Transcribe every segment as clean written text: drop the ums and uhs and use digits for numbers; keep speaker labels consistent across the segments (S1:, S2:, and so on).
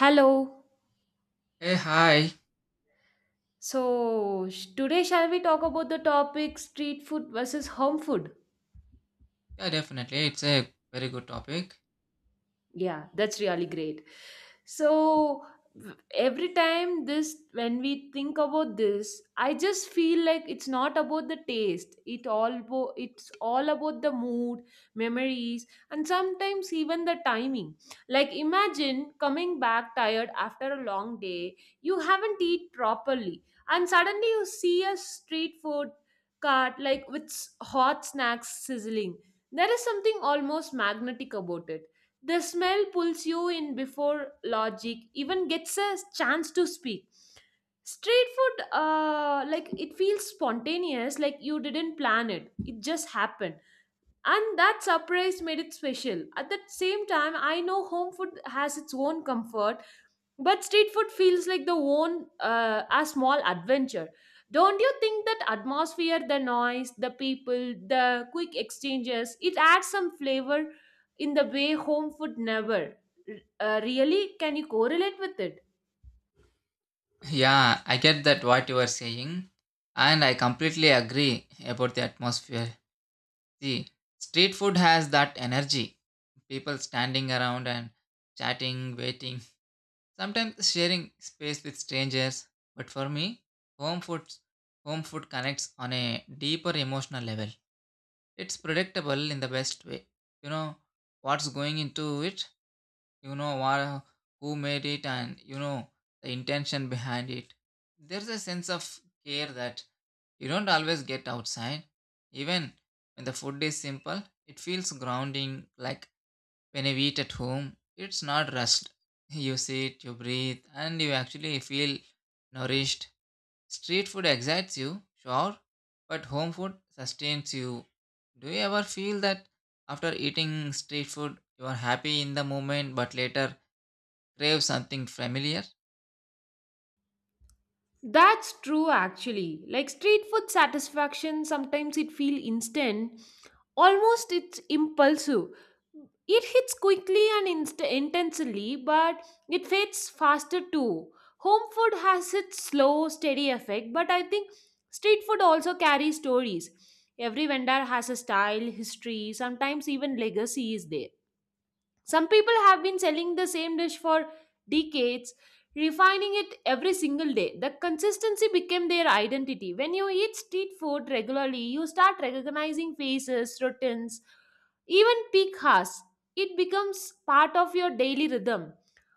S1: Hello.
S2: Hey, hi.
S1: So, today shall we talk about the topic street food versus home food?
S2: Yeah, definitely. It's a very good topic.
S1: Yeah, that's really great. So every time this when we think about this, I just feel like it's not about the taste. It's all about the mood, memories, and sometimes even the timing. Like imagine coming back tired after a long day, you haven't eat properly, and suddenly you see a street food cart like with hot snacks sizzling. There is something almost magnetic about it. The smell pulls you in before logic even gets a chance to speak. Street food like it feels spontaneous, like you didn't plan it. It just happened. And that surprise made it special. At the same time, I know home food has its own comfort, but street food feels like the own a small adventure. Don't you think that atmosphere, the noise, the people, the quick exchanges, it adds some flavor in the way home food never? Really, can you correlate with it?
S2: Yeah, I get that what you are saying, and I completely agree about the atmosphere. See, street food has that energy. People standing around and chatting, waiting, sometimes sharing space with strangers. But for me, home food home food connects on a deeper emotional level. It's predictable in the best way. You know what's going into it, you know what, who made it, and you know the intention behind it. There's a sense of care that you don't always get outside. Even when the food is simple, it feels grounding. Like when you eat at home, it's not rushed. You sit, you breathe, and you actually feel nourished. Street food excites you, sure, but home food sustains you. Do you ever feel that after eating street food you are happy in the moment but later crave something familiar?
S1: That's true actually. Like street food satisfaction, sometimes it feel instant. Almost it's impulsive. It hits quickly and intensely, but it fades faster too. Home food has its slow, steady effect, but I think street food also carries stories. Every vendor has a style, history, sometimes even legacy is there. Some people have been selling the same dish for decades, refining it every single day. The consistency became their identity. When you eat street food regularly, you start recognizing faces, routines, even peak hours. It becomes part of your daily rhythm.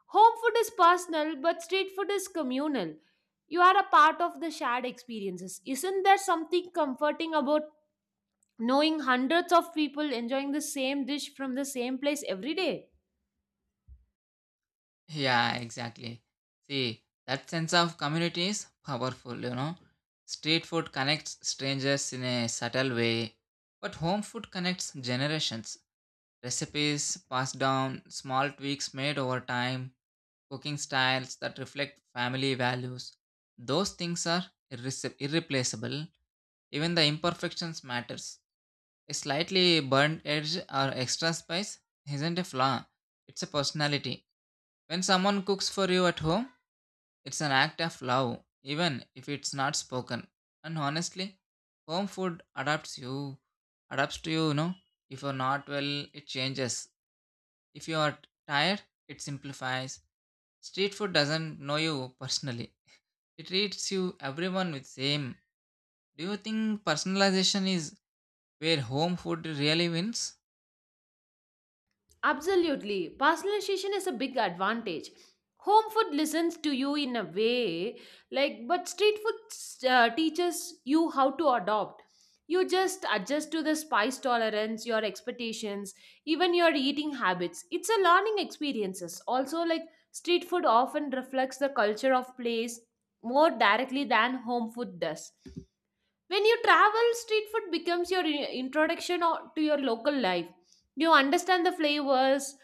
S1: Home food is personal, but street food is communal. You are a part of the shared experiences. Isn't there something comforting about knowing hundreds of people enjoying the same dish from the same place every day?
S2: Yeah, exactly. See, that sense of community is powerful, you know. Street food connects strangers in a subtle way, but home food connects generations. Recipes passed down, small tweaks made over time, cooking styles that reflect family values. Those things are irreplaceable. Even the imperfections matters. A slightly burnt edge or extra spice isn't a flaw, it's a personality. When someone cooks for you at home, it's an act of love, even if it's not spoken. And honestly, home food adapts you, adapts to you, you know. If you're not well, it changes. If you are tired, it simplifies. Street food doesn't know you personally. It treats you everyone with same. Do you think personalization is where home food really wins?
S1: Absolutely. Personalization is a big advantage. Home food listens to you in a way, like, but street food teaches you how to adopt. You just adjust to the spice tolerance, your expectations, even your eating habits. It's a learning experiences. Also, like street food often reflects the culture of place more directly than home food does. When you travel, street food becomes your introduction to your local life. You understand the flavors,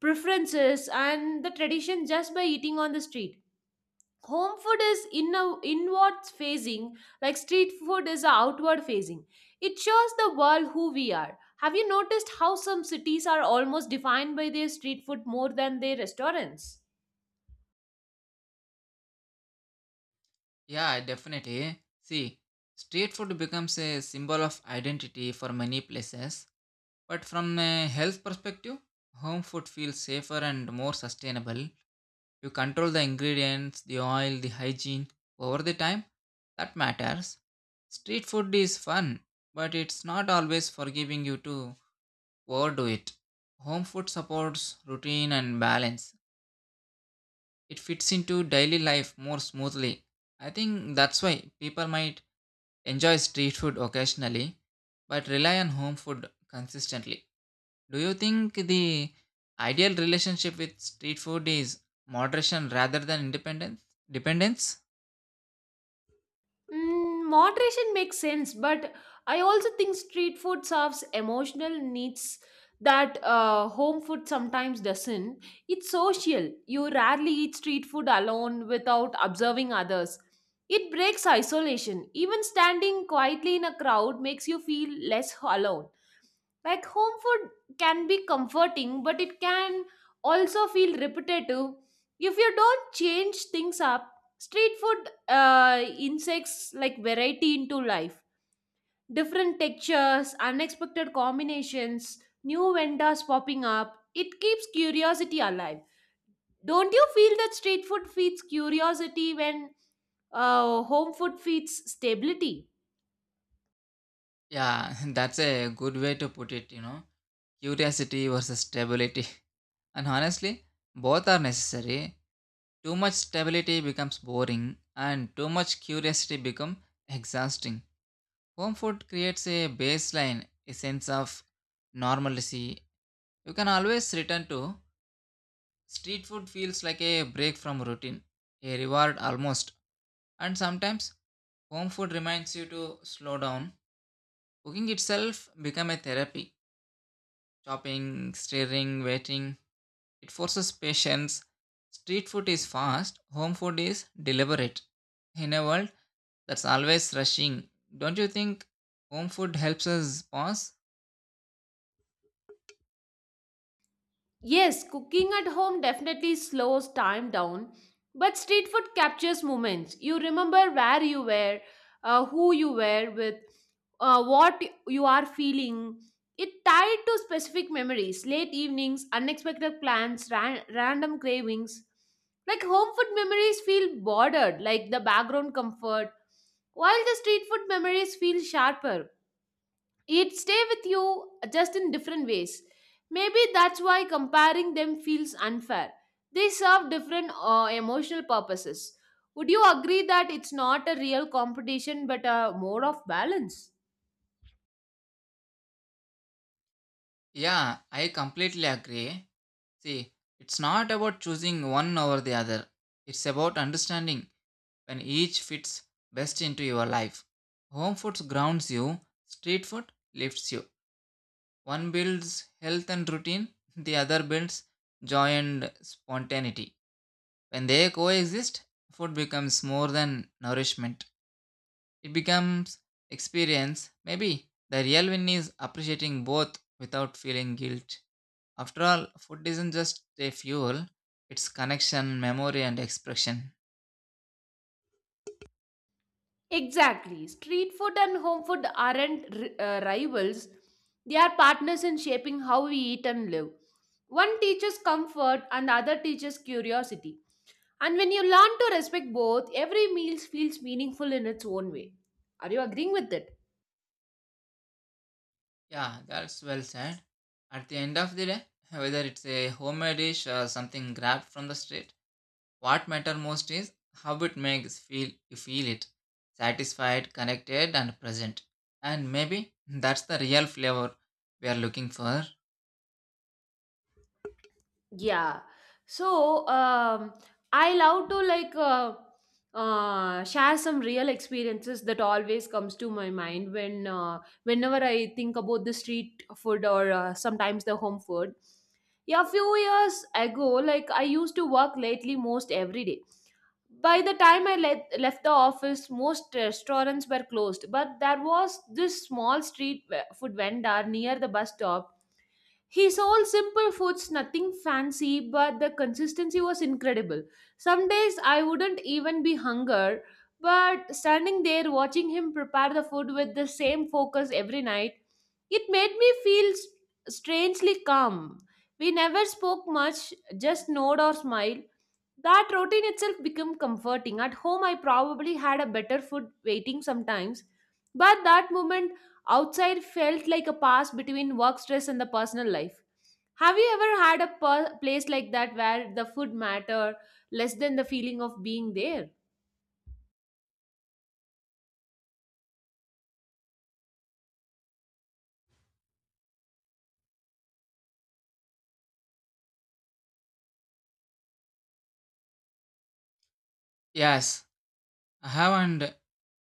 S1: preferences, and the tradition just by eating on the street. Home food is inward facing, like street food is outward facing. It shows the world who we are. Have you noticed how some cities are almost defined by their street food more than their restaurants?
S2: Yeah, definitely. See, street food becomes a symbol of identity for many places. But from a health perspective, home food feels safer and more sustainable. You control the ingredients, the oil, the hygiene over the time. That matters. Street food is fun, but it's not always forgiving you to overdo it. Home food supports routine and balance. It fits into daily life more smoothly. I think that's why people might enjoy street food occasionally, but rely on home food consistently. Do you think the ideal relationship with street food is moderation rather than independence? Dependence?
S1: Mm, moderation makes sense, but I also think street food serves emotional needs that home food sometimes doesn't. It's social. You rarely eat street food alone without observing others. It breaks isolation. Even standing quietly in a crowd makes you feel less alone. Like home food can be comforting, but it can also feel repetitive if you don't change things up. Street food insects like variety into life, different textures, unexpected combinations, new vendors popping up. It keeps curiosity alive. Don't you feel that street food feeds curiosity when home food feeds stability?
S2: Yeah, that's a good way to put it, you know. Curiosity versus stability. And honestly, both are necessary. Too much stability becomes boring and too much curiosity becomes exhausting. Home food creates a baseline, a sense of normalcy you can always return to. Street food feels like a break from routine, a reward almost. And sometimes home food reminds you to slow down. Cooking itself become a therapy. Chopping, stirring, waiting, it forces patience. Street food is fast, home food is deliberate. In a world that's always rushing, don't you think home food helps us pause?
S1: Yes, cooking at home definitely slows time down, but street food captures moments. You remember where you were, who you were with, what you are feeling. It tied to specific memories, late evenings, unexpected plans, random cravings. Like home food memories feel bordered, like the background comfort, while the street food memories feel sharper. It stay with you just in different ways. Maybe that's why comparing them feels unfair. They serve different emotional purposes. Would you agree that it's not a real competition but a more of balance?
S2: Yeah, I completely agree. See, it's not about choosing one over the other. It's about understanding when each fits best into your life. Home food grounds you, street food lifts you. One builds health and routine, the other builds joy and spontaneity. When they coexist, food becomes more than nourishment. It becomes experience. Maybe the real win is appreciating both without feeling guilt. After all, food isn't just a fuel, it's connection, memory, and expression.
S1: Exactly. Street food and home food aren't rivals, they are partners in shaping how we eat and live. One teaches comfort and the other teaches curiosity. And when you learn to respect both, every meal feels meaningful in its own way. Are you agreeing with it?
S2: Yeah, that's well said. At the end of the day, whether it's a homemade dish or something grabbed from the street, what matters most is how it makes feel you feel it satisfied, connected, and present. And maybe that's the real flavor we are looking for.
S1: Yeah. So I love to like share some real experiences that always comes to my mind when whenever I think about the street food or sometimes the home food. Yeah, a few years ago, like I used to work lately most every day. By the time I left the office, most restaurants were closed, but there was this small street food vendor near the bus stop. He sold simple foods, nothing fancy, but the consistency was incredible. Some days I wouldn't even be hunger, but standing there watching him prepare the food with the same focus every night, it made me feel s- strangely calm. We never spoke much, just nod or smile. That routine itself became comforting. At home, I probably had a better food waiting sometimes, but that moment outside felt like a pass between work stress and the personal life. Have you ever had a place like that where the food matter less than the feeling of being there?
S2: Yes, I have, and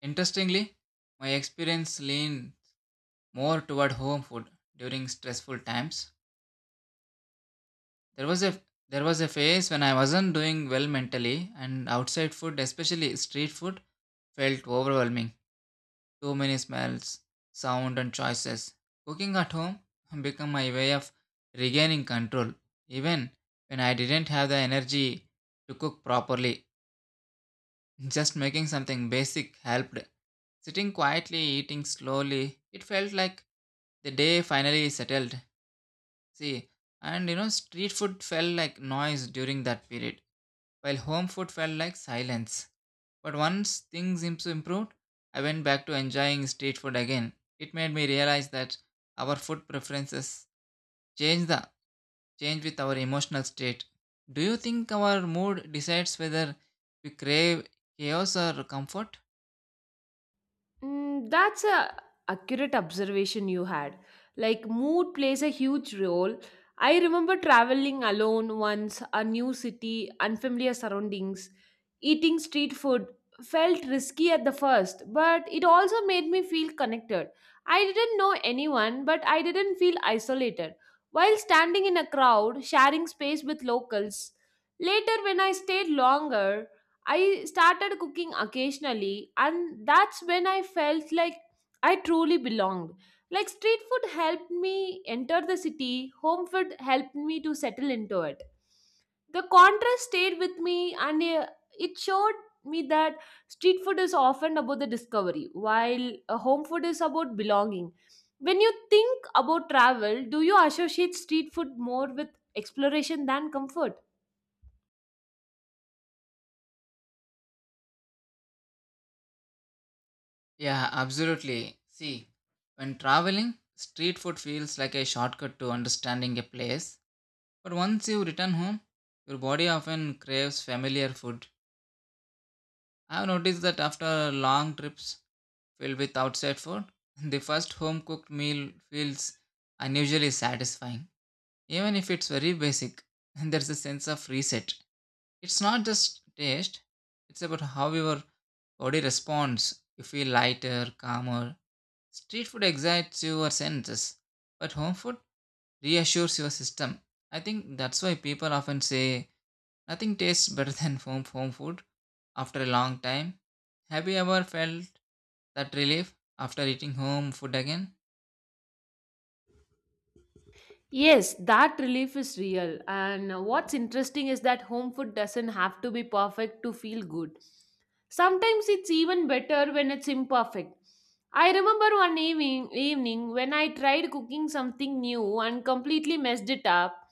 S2: interestingly, my experience leaned more toward home food during stressful times. There was a there was a phase when I wasn't doing well mentally and outside food, especially street food, felt overwhelming. Too many smells, sound and choices. Cooking at home became my way of regaining control even when I didn't have the energy to cook properly. Just making something basic helped. Sitting quietly, eating slowly, it felt like the day finally settled. See, and you know, street food felt like noise during that period, while home food felt like silence. But once things improved, I went back to enjoying street food again. It made me realize that our food preferences change the change with our emotional state. Do you think our mood decides whether we crave chaos or comfort?
S1: Mm, that's a accurate observation you had. Like mood plays a huge role. I remember traveling alone once, a new city, unfamiliar surroundings, eating street food felt risky at the first, but it also made me feel connected. I didn't know anyone, but I didn't feel isolated. While standing in a crowd, sharing space with locals, later when I stayed longer, I started cooking occasionally, and that's when I felt like I truly belonged. Like street food helped me enter the city, home food helped me to settle into it. The contrast stayed with me, and it showed me that street food is often about the discovery, while home food is about belonging. When you think about travel, do you associate street food more with exploration than comfort?
S2: Yeah, absolutely. See, when traveling, street food feels like a shortcut to understanding a place. But once you return home, your body often craves familiar food. I have noticed that after long trips filled with outside food, the first home cooked meal feels unusually satisfying. Even if it's very basic, there's a sense of reset. It's not just taste, it's about how your body responds. You feel lighter, calmer. Street food excites your senses, but home food reassures your system. I think that's why people often say nothing tastes better than home food after a long time. Have you ever felt that relief after eating home food again?
S1: Yes, that relief is real. And what's interesting is that home food doesn't have to be perfect to feel good. Sometimes it's even better when it's imperfect. I remember evening when I tried cooking something new and completely messed it up.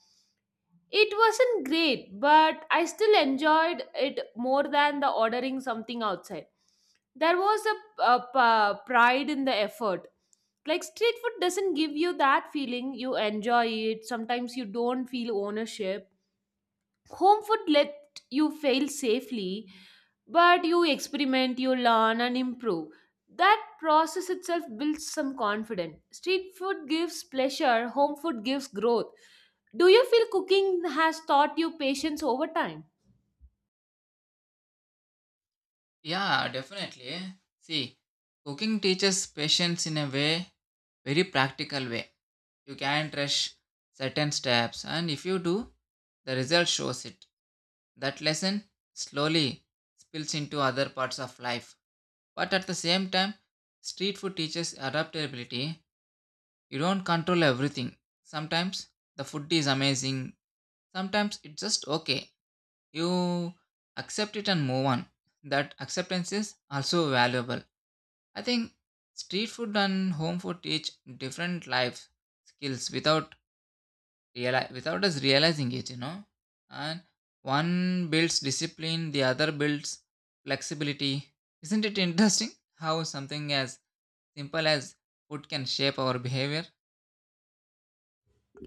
S1: It wasn't great, but I still enjoyed it more than the ordering something outside. There was a pride in the effort. Like street food doesn't give you that feeling. You enjoy it. Sometimes you don't feel ownership. Home food let you fail safely, but you experiment, you learn, and improve. That process itself builds some confidence. Street food gives pleasure, home food gives growth. Do you feel cooking has taught you patience over time?
S2: Yeah, definitely. See, cooking teaches patience in a way, very practical way. You can't rush certain steps, and if you do, the result shows it. That lesson slowly spills into other parts of life. But at the same time, street food teaches adaptability. You don't control everything. Sometimes the food is amazing, sometimes it's just okay. You accept it and move on. That acceptance is also valuable. I think street food and home food teach different life skills without without us realizing it, you know. And one builds discipline, the other builds flexibility. Isn't it interesting how something as simple as food can shape our behavior.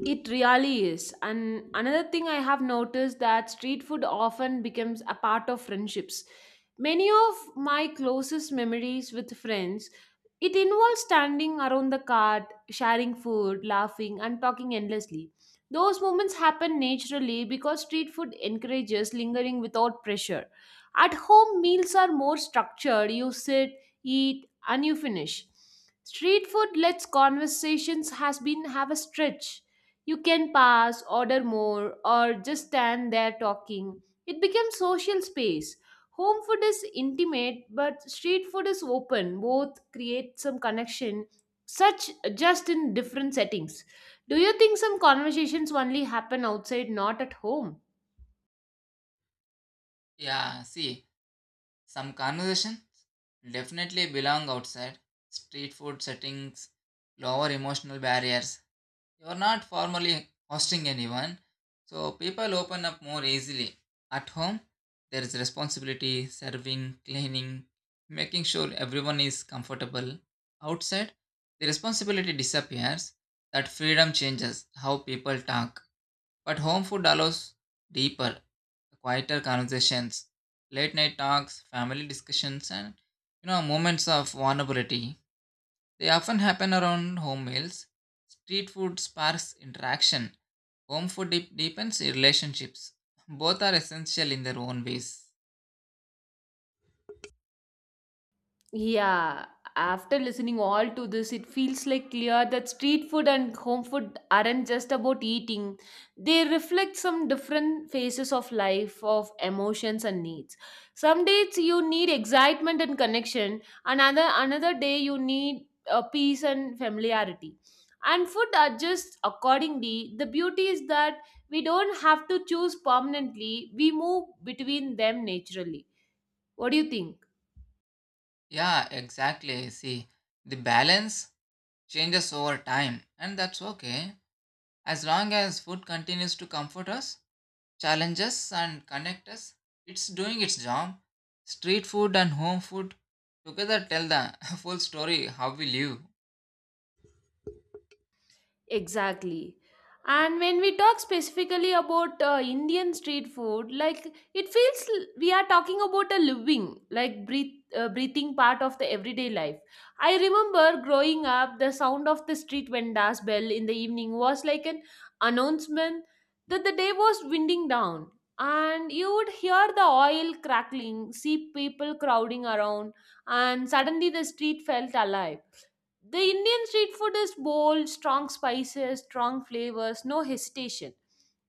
S1: It really is. And another thing I have noticed that street food often becomes a part of friendships. Many of my closest memories with friends, it involves standing around the cart, sharing food, laughing, and talking endlessly. Those moments happen naturally because street food encourages lingering without pressure. At home, meals are more structured. You sit, eat, and you finish. Street food lets conversations has been have a stretch. You can pass, order more, or just stand there talking. It becomes social space. Home food is intimate, but street food is open. Both create some connection, such just in different settings. Do you think some conversations only happen outside, not at home?
S2: Yeah, see, some conversations definitely belong outside. Street food settings lower emotional barriers. You're not formally hosting anyone, so people open up more easily. At home, there is responsibility, serving, cleaning, making sure everyone is comfortable. Outside, the responsibility disappears. That freedom changes how people talk. But home food allows deeper, quieter conversations, late night talks, family discussions, and you know moments of vulnerability. They often happen around home meals. Street food sparks interaction. Home food deepens relationships. Both are essential in their own ways.
S1: Yeah, after listening all to this, it feels like clear that street food and home food aren't just about eating. They reflect some different phases of life, of emotions and needs. Some days you need excitement and connection, another day you need peace and familiarity. And food adjusts accordingly. The beauty is that we don't have to choose permanently. We move between them naturally. What do you think?
S2: Yeah, exactly. See, the balance changes over time, and that's okay. As long as food continues to comfort us, challenges and connect us. It's doing its job. Street food and home food together tell the full story how we live.
S1: Exactly. And when we talk specifically about Indian street food, like it feels we are talking about a living, like breathing part of the everyday life. I remember growing up, the sound of the street vendor's bell in the evening was like an announcement that the day was winding down. And you would hear the oil crackling, see people crowding around, and suddenly the street felt alive. The Indian street food is bold, strong spices, strong flavors, no hesitation.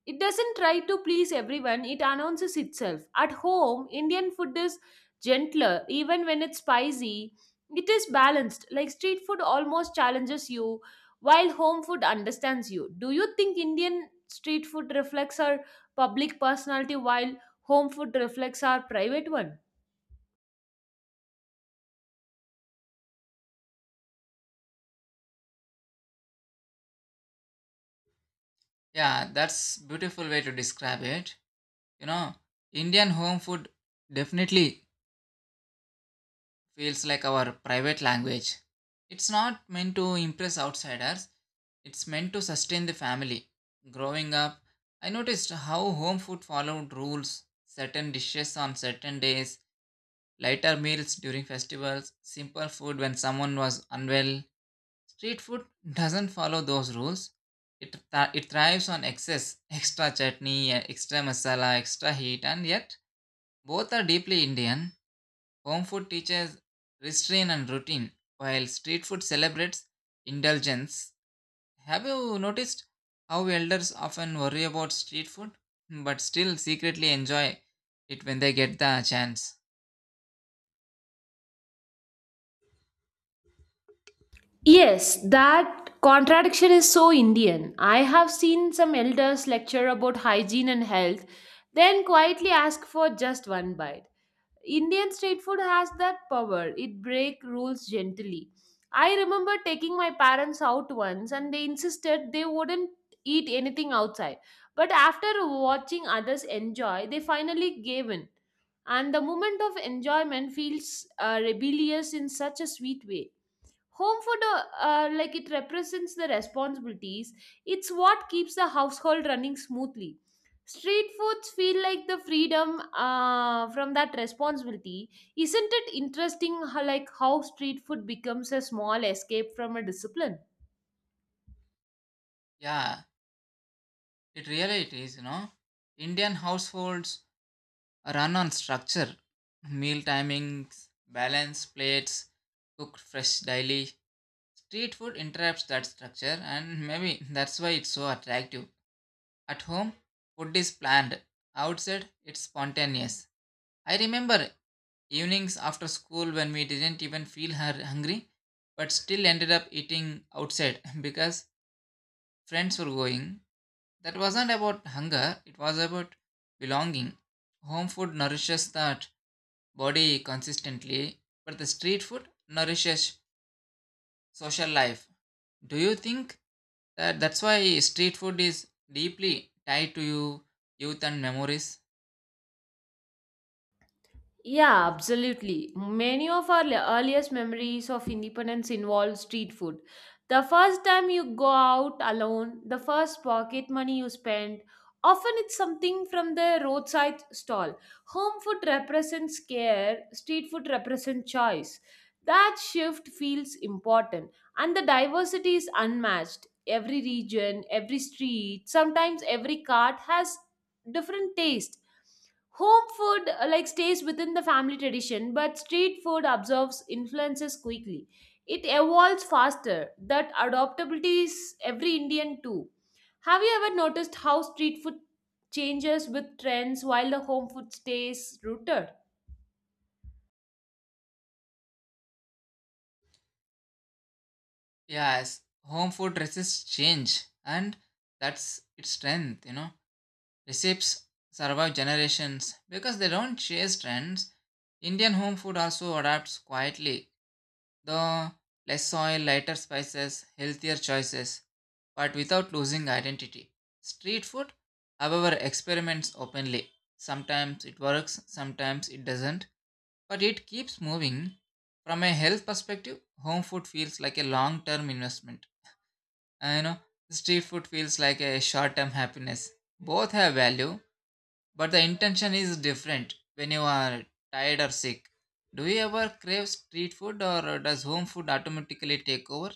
S1: It doesn't try to please everyone, it announces itself. At home, Indian food is gentler, even when it's spicy. It is balanced, like street food almost challenges you, while home food understands you. Do you think Indian street food reflects our public personality while home food reflects our private one?
S2: Yeah, that's beautiful way to describe it. You know, Indian home food definitely feels like our private language. It's not meant to impress outsiders. It's meant to sustain the family. Growing up, I noticed how home food followed rules, certain dishes on certain days, lighter meals during festivals, simple food when someone was unwell. Street food doesn't follow those rules. It thrives on excess, extra chutney, extra masala, extra heat, and yet both are deeply Indian. Home food teaches restraint and routine, while street food celebrates indulgence. Have you noticed how elders often worry about street food, but still secretly enjoy it when they get the chance?
S1: Yes, that contradiction is so Indian. I have seen some elders lecture about hygiene and health, then quietly ask for just one bite. Indian street food has that power, it breaks rules gently. I remember taking my parents out once and they insisted they wouldn't eat anything outside. But after watching others enjoy, they finally gave in. And the moment of enjoyment feels rebellious in such a sweet way. Home food, like it represents the responsibilities, it's what keeps the household running smoothly. Street foods feel like the freedom from that responsibility. Isn't it interesting how street food becomes a small escape from a discipline?
S2: Yeah, it really it is, you know. Indian households run on structure, meal timings, balance plates, cooked fresh daily. Street food interrupts that structure, and maybe that's why it's so attractive. At home, food is planned. Outside, it's spontaneous. I remember evenings after school when we didn't even feel hungry, but still ended up eating outside because friends were going. That wasn't about hunger, it was about belonging. Home food nourishes that body consistently, but the street food nourishes social life. Do you think that's why street food is deeply tied to you, youth and memories?
S1: Yeah, absolutely. Many of our earliest memories of independence involve street food. The first time you go out alone, the first pocket money you spend, often it's something from the roadside stall. Home food represents care, street food represents choice. That shift feels important, and the diversity is unmatched. Every region, every street, sometimes every cart has different taste. Home food like stays within the family tradition, but street food absorbs influences quickly. It evolves faster. That adaptability is every Indian too. Have you ever noticed how street food changes with trends while the home food stays rooted?
S2: Yes, home food resists change and that's its strength, you know. Recipes survive generations because they don't chase trends. Indian home food also adapts quietly, though less oil, lighter spices, healthier choices, but without losing identity. Street food, however, experiments openly. Sometimes it works, sometimes it doesn't, but it keeps moving. From a health perspective, home food feels like a long term investment. I know street food feels like a short term happiness. Both have value, but the intention is different when you are tired or sick. Do you ever crave street food or does home food automatically take over?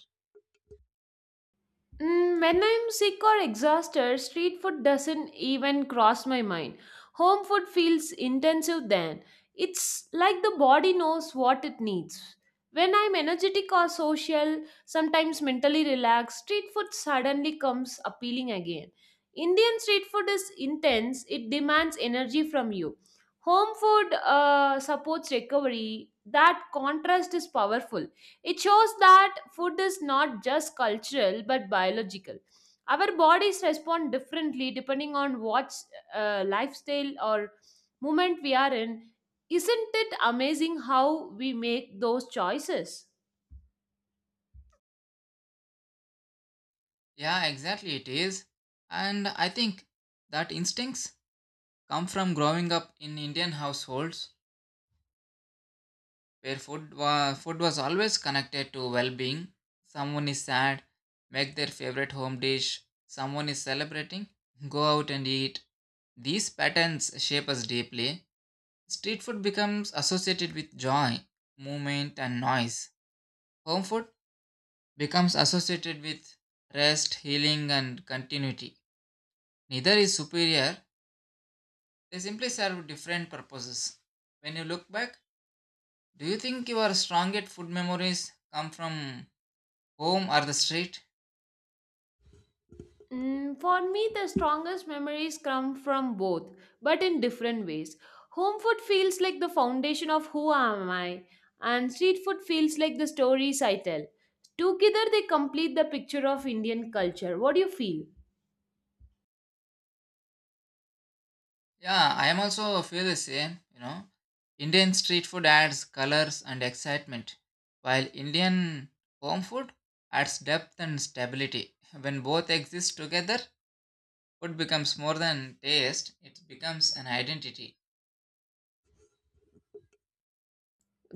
S1: Mm, when I'm sick or exhausted, street food doesn't even cross my mind. Home food feels intensive then. It's like the body knows what it needs. When I'm energetic or social, sometimes mentally relaxed, street food suddenly comes appealing again. Indian street food is intense, it demands energy from you. Home food supports recovery. That contrast is powerful. It shows that food is not just cultural but biological. Our bodies respond differently depending on what lifestyle or movement we are in. Isn't it amazing how we make those choices?
S2: Yeah, exactly, it is. And I think that instincts come from growing up in Indian households where food was always connected to well being. Someone is sad, make their favorite home dish. Someone is celebrating, go out and eat. These patterns shape us deeply. Street food becomes associated with joy, movement, and noise. Home food becomes associated with rest, healing, and continuity. Neither is superior, they simply serve different purposes. When you look back, do you think your strongest food memories come from home or the street?
S1: Mm, for me, the strongest memories come from both, but in different ways. Home food feels like the foundation of who am I, and street food feels like the stories I tell. Together, they complete the picture of Indian culture. What do you feel?
S2: Yeah, I am also feel the same, you know. Indian street food adds colors and excitement, while Indian home food adds depth and stability. When both exist together, food becomes more than taste, it becomes an identity.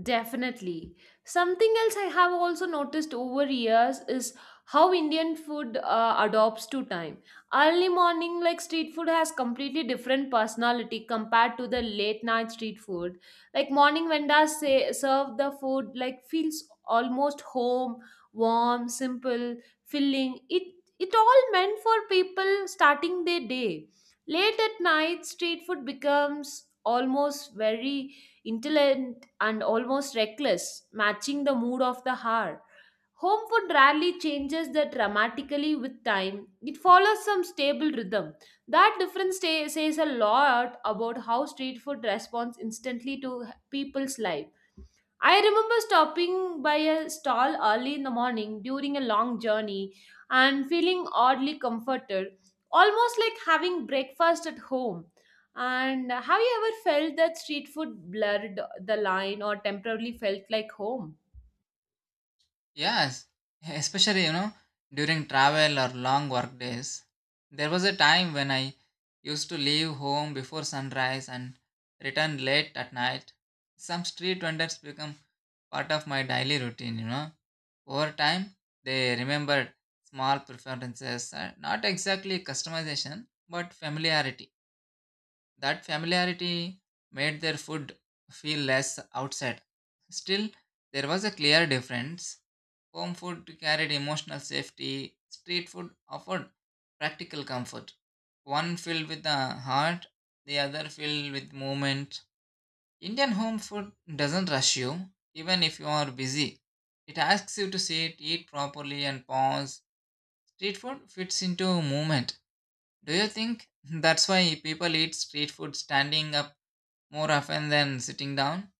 S1: Definitely. Something else I have also noticed over years is how Indian food adopts to time. Early morning, like street food, has completely different personality compared to the late night street food. Like morning vendors say serve the food like feels almost home, warm, simple, filling. It all meant for people starting their day. Late at night, street food becomes almost very intelligent and almost reckless, matching the mood of the hour. Home food rarely changes that dramatically with time. It follows some stable rhythm. That difference says a lot about how street food responds instantly to people's life. I remember stopping by a stall early in the morning during a long journey and feeling oddly comforted, almost like having breakfast at home. And have you ever felt that street food blurred the line or temporarily felt like home?
S2: Yes, especially, you know, during travel or long work days. There was a time when I used to leave home before sunrise and return late at night. Some street vendors become part of my daily routine, you know. Over time, they remembered small preferences, not exactly customization, but familiarity. That familiarity made their food feel less outside. Still, there was a clear difference. Home food carried emotional safety, street food offered practical comfort. One filled with the heart, the other filled with movement. Indian home food doesn't rush you, even if you are busy. It asks you to sit, eat properly, and pause. Street food fits into movement. Do you think that's why people eat street food standing up more often than sitting down?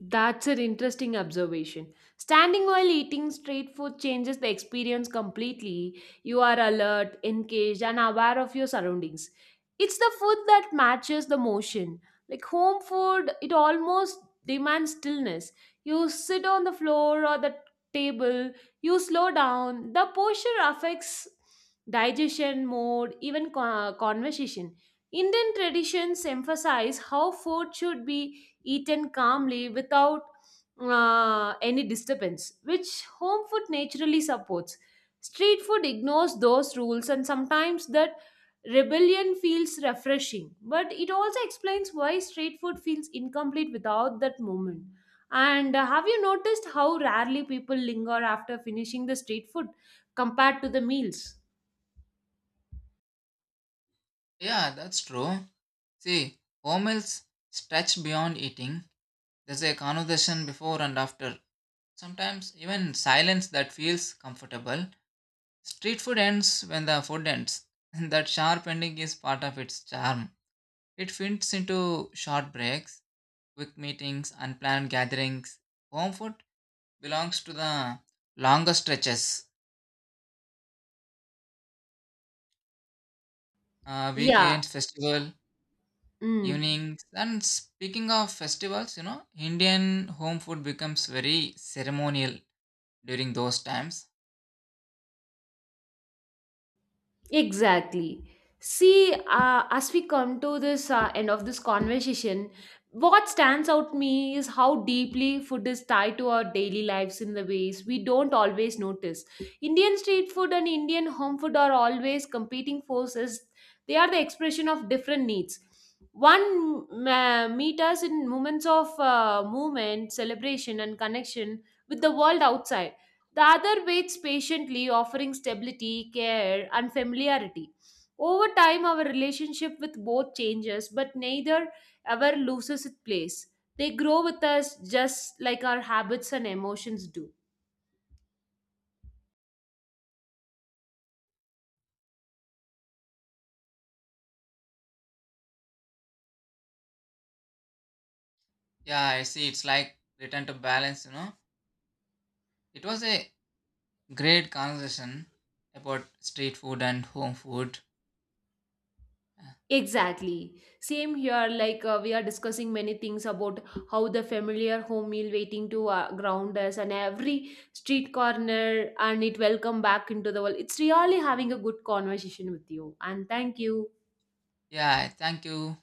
S1: That's an interesting observation. Standing while eating straight food changes the experience completely. You are alert, engaged, and aware of your surroundings. It's the food that matches the motion. Like home food, it almost demands stillness. You sit on the floor or the table, you slow down. The posture affects digestion, mood, even conversation. Indian traditions emphasize how food should be eaten calmly without any disturbance, which home food naturally supports. Street food ignores those rules, and sometimes that rebellion feels refreshing. But it also explains why street food feels incomplete without that moment. And have you noticed how rarely people linger after finishing the street food compared to the meals?
S2: Yeah, that's true. See, home meals stretch beyond eating. There's a conversation before and after. Sometimes even silence that feels comfortable. Street food ends when the food ends. That sharp ending is part of its charm. It fits into short breaks, quick meetings, unplanned gatherings. Home food belongs to the longer stretches,
S1: Yeah.
S2: weekends, festival,
S1: Mm.
S2: evenings. And speaking of festivals, you know, Indian home food becomes very ceremonial during those times.
S1: Exactly. See, as we come to this end of this conversation, what stands out to me is how deeply food is tied to our daily lives in the ways we don't always notice. Indian street food and Indian home food are always competing forces. They are the expression of different needs. One meet us in moments of movement, celebration, and connection with the world outside, the other waits patiently, offering stability, care, and familiarity. Over time, our relationship with both changes, but neither ever loses its place. They grow with us just like our habits and emotions do.
S2: Yeah, I see. It's like return to balance, you know. It was a great conversation about street food and home food.
S1: Exactly. Same here, like we are discussing many things about how the familiar home meal waiting to ground us and every street corner and it welcome back into the world. It's really having a good conversation with you and thank you.
S2: Yeah, thank you.